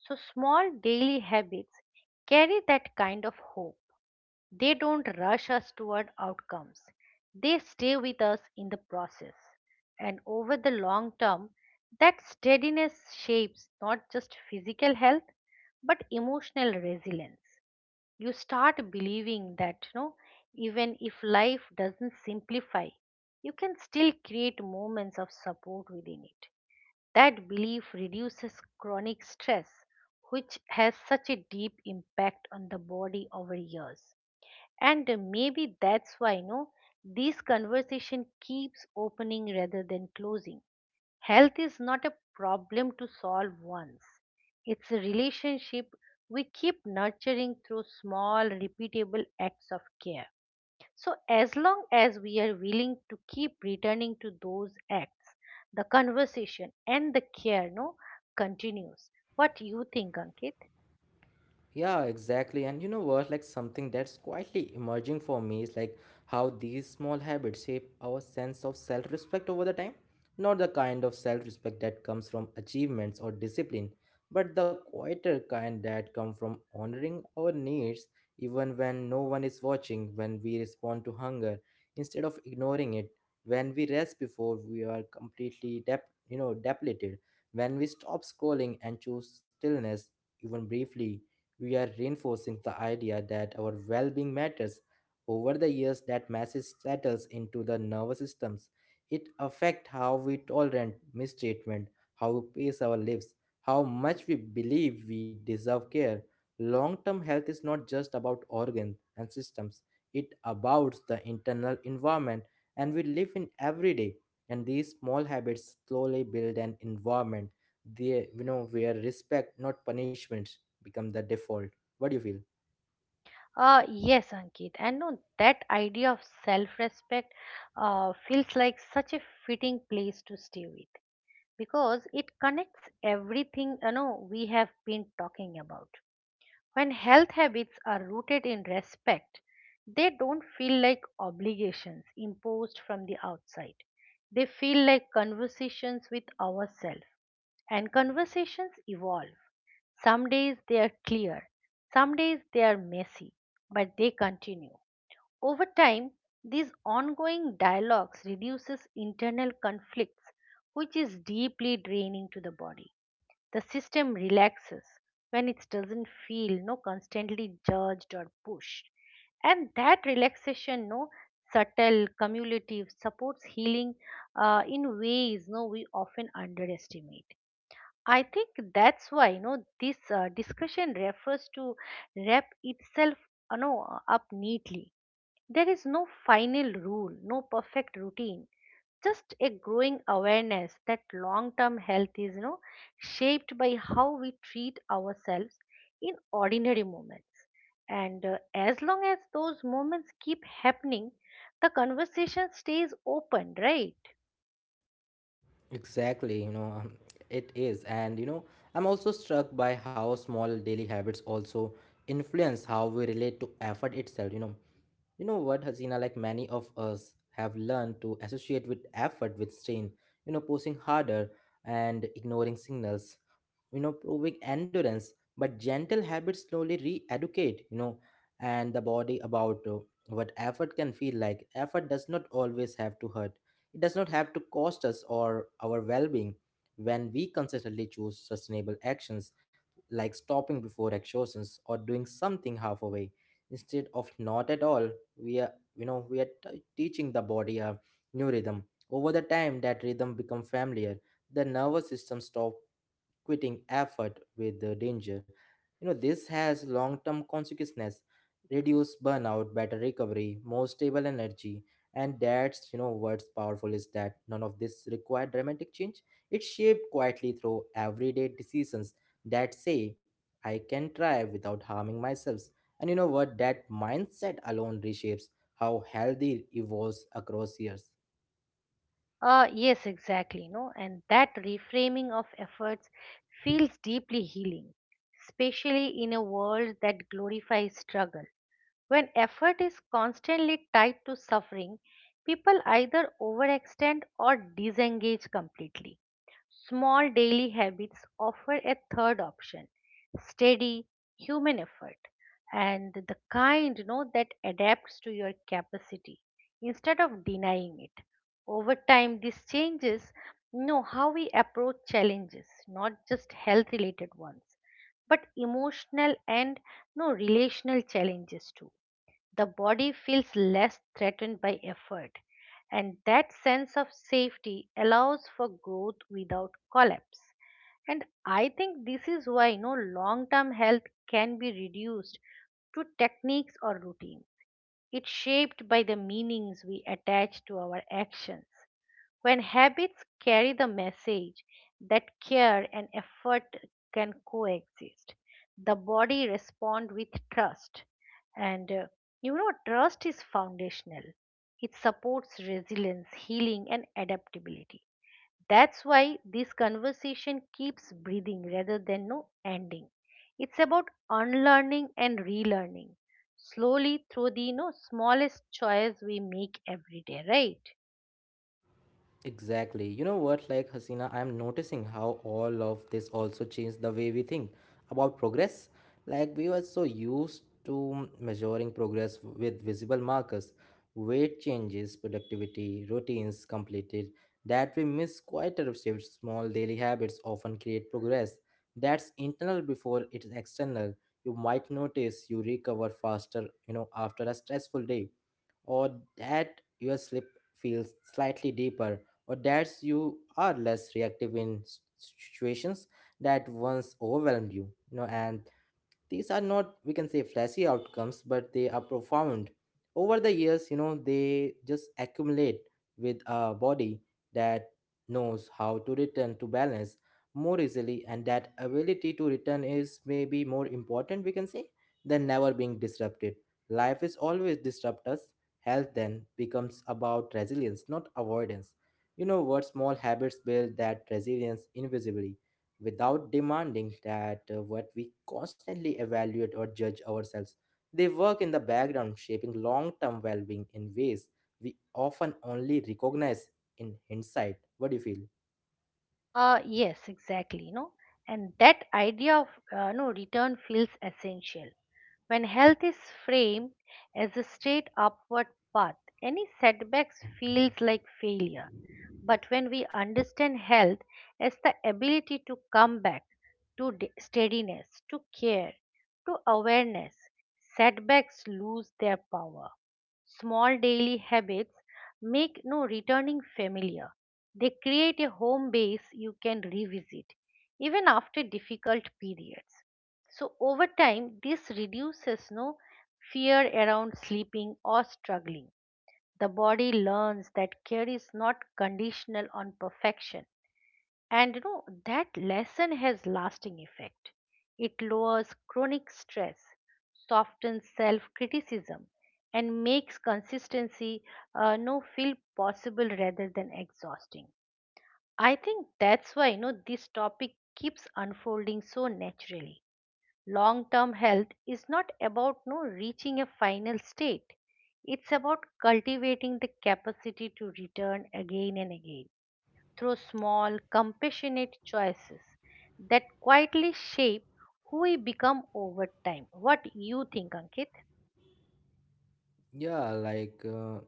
S2: So, small daily habits carry that kind of hope. They don't rush us toward outcomes, they stay with us in the process. And over the long term, that steadiness shapes not just physical health but emotional resilience. You start believing that, even if life doesn't simplify, you can still create moments of support within it. That belief reduces chronic stress, which has such a deep impact on the body over years. And maybe that's why, this conversation keeps opening rather than closing. Health is not a problem to solve once. It's a relationship we keep nurturing through small, repeatable acts of care. So, as long as we are willing to keep returning to those acts, the conversation and the care, no, continues. What do you think, Ankit?
S1: Yeah, exactly. And you know what? Like something that's quietly emerging for me is like how these small habits shape our sense of self respect over the time. Not the kind of self respect that comes from achievements or discipline, but the quieter kind that come from honoring our needs even when no one is watching, when we respond to hunger instead of ignoring it, when we rest before we are completely depleted, when we stop scrolling and choose stillness even briefly, we are reinforcing the idea that our well being matters. Over the years, that message settles into the nervous systems. It affects how we tolerate mistreatment, how we pace our lives, how much we believe we deserve care. Long term health is not just about organs and systems, it about the internal environment and we live in every day. And these small habits slowly build an environment they, you know, where respect, not punishment, become the default. What do you feel?
S2: Yes, Ankit, And no, that idea of self respect feels like such a fitting place to stay with, because it connects everything we have been talking about. When health habits are rooted in respect, they don't feel like obligations imposed from the outside, they feel like conversations with ourselves. And conversations evolve. Some days they are clear, some days they are messy, but they continue. Over time, these ongoing dialogues reduces internal conflicts, which is deeply draining to the body. The system relaxes when it doesn't feel no constantly judged or pushed. And that relaxation, no subtle, cumulative, supports healing in ways no we often underestimate. I think that's why, this discussion refers to wrap itself, up neatly. There is no final rule, no perfect routine, just a growing awareness that long term health is, shaped by how we treat ourselves in ordinary moments. And as long as those moments keep happening, the conversation stays open, right?
S1: Exactly, you know, it is. And, you know, I'm also struck by how small daily habits also influence how we relate to effort itself, you know. You know what, Hasina, like many of us have learned to associate with effort with strain, you know, pushing harder and ignoring signals. You know, proving endurance, but gentle habits slowly re-educate, you know, and the body about what effort can feel like. Effort does not always have to hurt, it does not have to cost us or our well-being. When we consistently choose sustainable actions, like stopping before exhaustions or doing something half away instead of not at all, we are, you know, teaching the body a new rhythm. Over the time, that rhythm become familiar, the nervous system stop quitting effort with the danger. You know, this has long term consequences, reduced burnout, better recovery, more stable energy. And that's, you know, what's powerful is that none of this required dramatic change. It's shaped quietly through everyday decisions that say, I can try without harming myself. And you know what? That mindset alone reshapes how healthy evolves across years.
S2: Yes, exactly. No, and that reframing of efforts feels deeply healing, especially in a world that glorifies struggle. When effort is constantly tied to suffering, people either overextend or disengage completely. Small daily habits offer a third option: steady human effort, and the kind, that adapts to your capacity instead of denying it. Over time this changes how we approach challenges, not just health related ones, but emotional and no relational challenges too. The body feels less threatened by effort, and that sense of safety allows for growth without collapse. And I think this is why no long term health can be reduced to techniques or routines. It's shaped by the meanings we attach to our actions. When habits carry the message that care and effort can coexist, the body responds with trust. And trust is foundational, it supports resilience, healing, and adaptability. That's why this conversation keeps breathing rather than no ending. It's about unlearning and relearning slowly through the, smallest choice we make every day, right?
S1: Exactly. You know what, like Hasina, I'm noticing how all of this also changed the way we think about progress. Like, we were so used to measuring progress with visible markers, weight changes, productivity, routines completed, that we miss quite a shift. Small daily habits often create progress. That's internal before it is external. You might notice you recover faster, you know, after a stressful day, or that your sleep feels slightly deeper, or that you are less reactive in situations that once overwhelmed you. You know, and these are not, we can say, flashy outcomes, but they are profound. Over the years, you know, they just accumulate with a body that knows how to return to balance more easily, and that ability to return is maybe more important, we can say, than never being disrupted. Life is always disrupt us. Health then becomes about resilience, not avoidance. You know what, small habits build that resilience invisibly without demanding that what we constantly evaluate or judge ourselves. They work in the background, shaping long term well being in ways we often only recognize in hindsight. What do you feel?
S2: Yes, exactly. No, and that idea of no return feels essential. When health is framed as a straight upward path, any setbacks feels like failure. But when we understand health as the ability to come back to steadiness, to care, to awareness, setbacks lose their power. Small daily habits make no returning familiar. They create a home base you can revisit, even after difficult periods. So, over time, this reduces no fear around sleeping or struggling. The body learns that care is not conditional on perfection, and that lesson has lasting effect. It lowers chronic stress, softens self-criticism, and makes consistency no feel possible rather than exhausting. I think that's why, this topic keeps unfolding so naturally. Long-term health is not about no reaching a final state. It's about cultivating the capacity to return again and again through small, compassionate choices that quietly shape who we become over time. What you think, Ankit?
S1: Yeah, like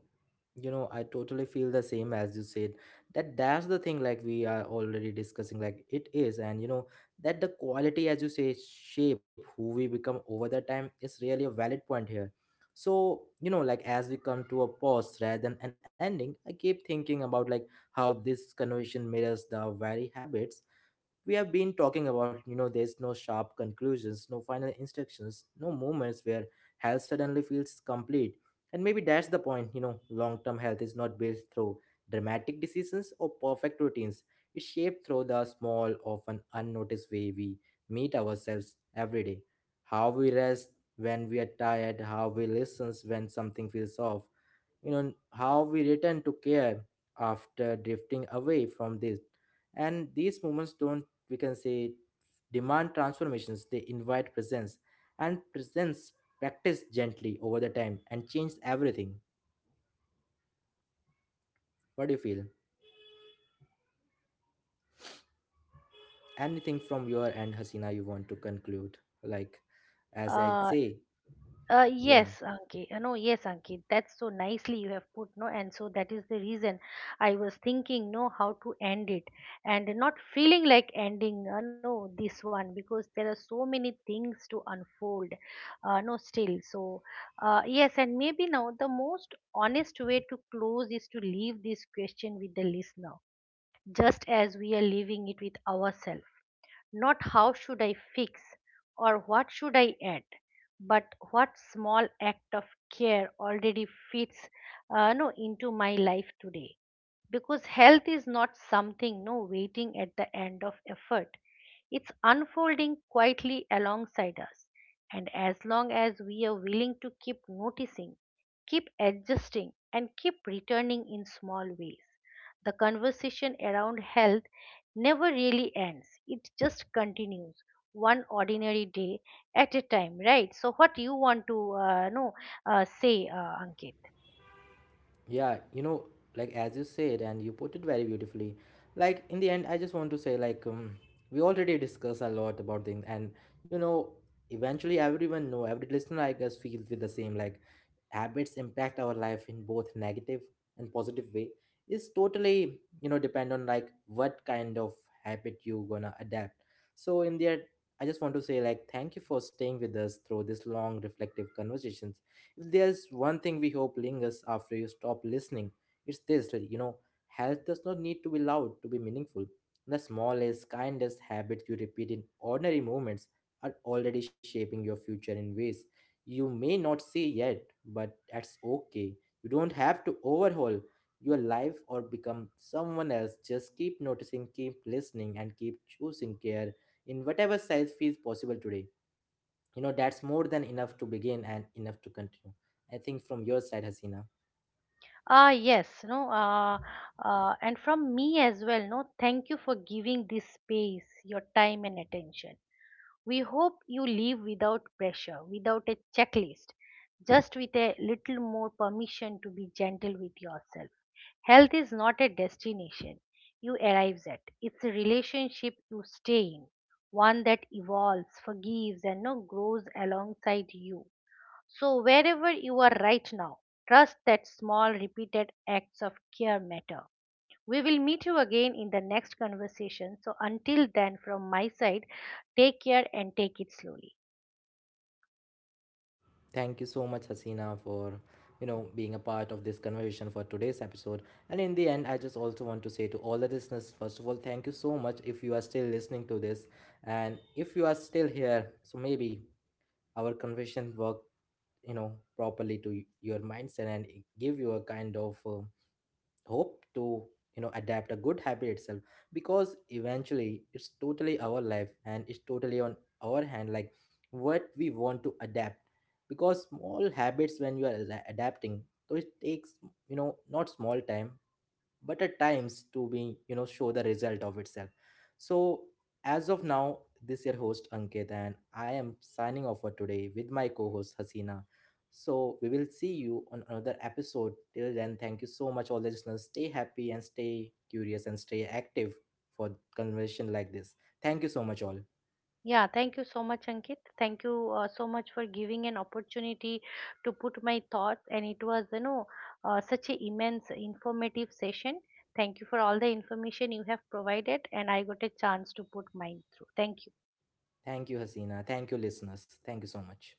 S1: you know, I totally feel the same as you said. That that's the thing, like we are already discussing, like it is. And you know, that the quality, as you say, shape who we become over the time is really a valid point here. So you know, like as we come to a pause rather than an ending, I keep thinking about like how this conversation mirrors the very habits we have been talking about. You know, there's no sharp conclusions, no final instructions, no moments where health suddenly feels complete. And maybe that's the point. You know, long term health is not built through dramatic decisions or perfect routines, it's shaped through the small, often unnoticed way we meet ourselves every day. How we rest when we are tired, how we listen when something feels off, you know, how we return to care after drifting away from this. And these moments don't, we can say, demand transformations, they invite presence. And presence practice gently over the time and change everything. What do you feel? Anything from your end, Hasina, you want to conclude, like, as I
S2: Uh,
S1: say. Yeah.
S2: Yes, Ankit. No, Yes, Ankit. That's so nicely you have put, no, and so that is the reason I was thinking, no, how to end it, and not feeling like ending, no, this one because there are so many things to unfold, no, still. So, yes, and maybe now the most honest way to close is to leave this question with the listener, just as we are leaving it with ourselves. Not how should I fix or what should I add, but what small act of care already fits no, into my life today. Because health is not something no waiting at the end of effort. It's unfolding quietly alongside us. And as long as we are willing to keep noticing, keep adjusting, and keep returning in small ways, the conversation around health never really ends. It just continues one ordinary day at a time, right? So, what you want to say, Ankit?
S1: Yeah, you know, like as you said, and you put it very beautifully. Like in the end, I just want to say, like, we already discuss a lot about things, and you know, eventually everyone know, every listener, I guess, feels with the same. Like, habits impact our life in both negative and positive way. Is totally, you know, depend on like what kind of habit you gonna adapt. So in the end, I just want to say, like, thank you for staying with us through this long reflective conversation. If there's one thing we hope lingers after you stop listening, it's this that, you know, health does not need to be loud to be meaningful. The smallest, kindest habits you repeat in ordinary moments are already shaping your future in ways you may not see yet, but that's okay. You don't have to overhaul your life or become someone else. Just keep noticing, keep listening, and keep choosing care in whatever size feels possible today. You know, that's more than enough to begin and enough to continue. I think, from your side, Hasina?
S2: Ah, yes, no, and from me as well, no, thank you for giving this space, your time and attention. We hope you leave without pressure, without a checklist, just with a little more permission to be gentle with yourself. Health is not a destination you arrives at. It's a relationship you stay in, one that evolves, forgives, and no grows alongside you. So wherever you are right now, trust that small repeated acts of care matter. We will meet you again in the next conversation. So until then, from my side, take care and take it slowly.
S1: Thank you so much, Hasina, for you know being a part of this conversation for today's episode. And in the end, I just also want to say to all the listeners, first of all, thank you so much if you are still listening to this. And if you are still here, so maybe our conversation worked, you know, properly to your mindset, and it give you a kind of hope to, you know, adapt a good habit itself. Because eventually it's totally our life and it's totally on our hand, like what we want to adapt. Because small habits, when you are adapting, so it takes, you know, not small time, but at times to be, you know, show the result of itself. So as of now, this your host Ankit, and I am signing off for today with my co-host Hasina. So we will see you on another episode. Till then, thank you so much all the listeners, stay happy and stay curious and stay active for conversation like this. Thank you so much all.
S2: Yeah, thank you so much, Ankit. Thank you so much for giving an opportunity to put my thoughts. And it was, such an immense, informative session. Thank you for all the information you have provided, and I got a chance to put mine through. Thank you.
S1: Thank you, Hasina. Thank you, listeners. Thank you so much.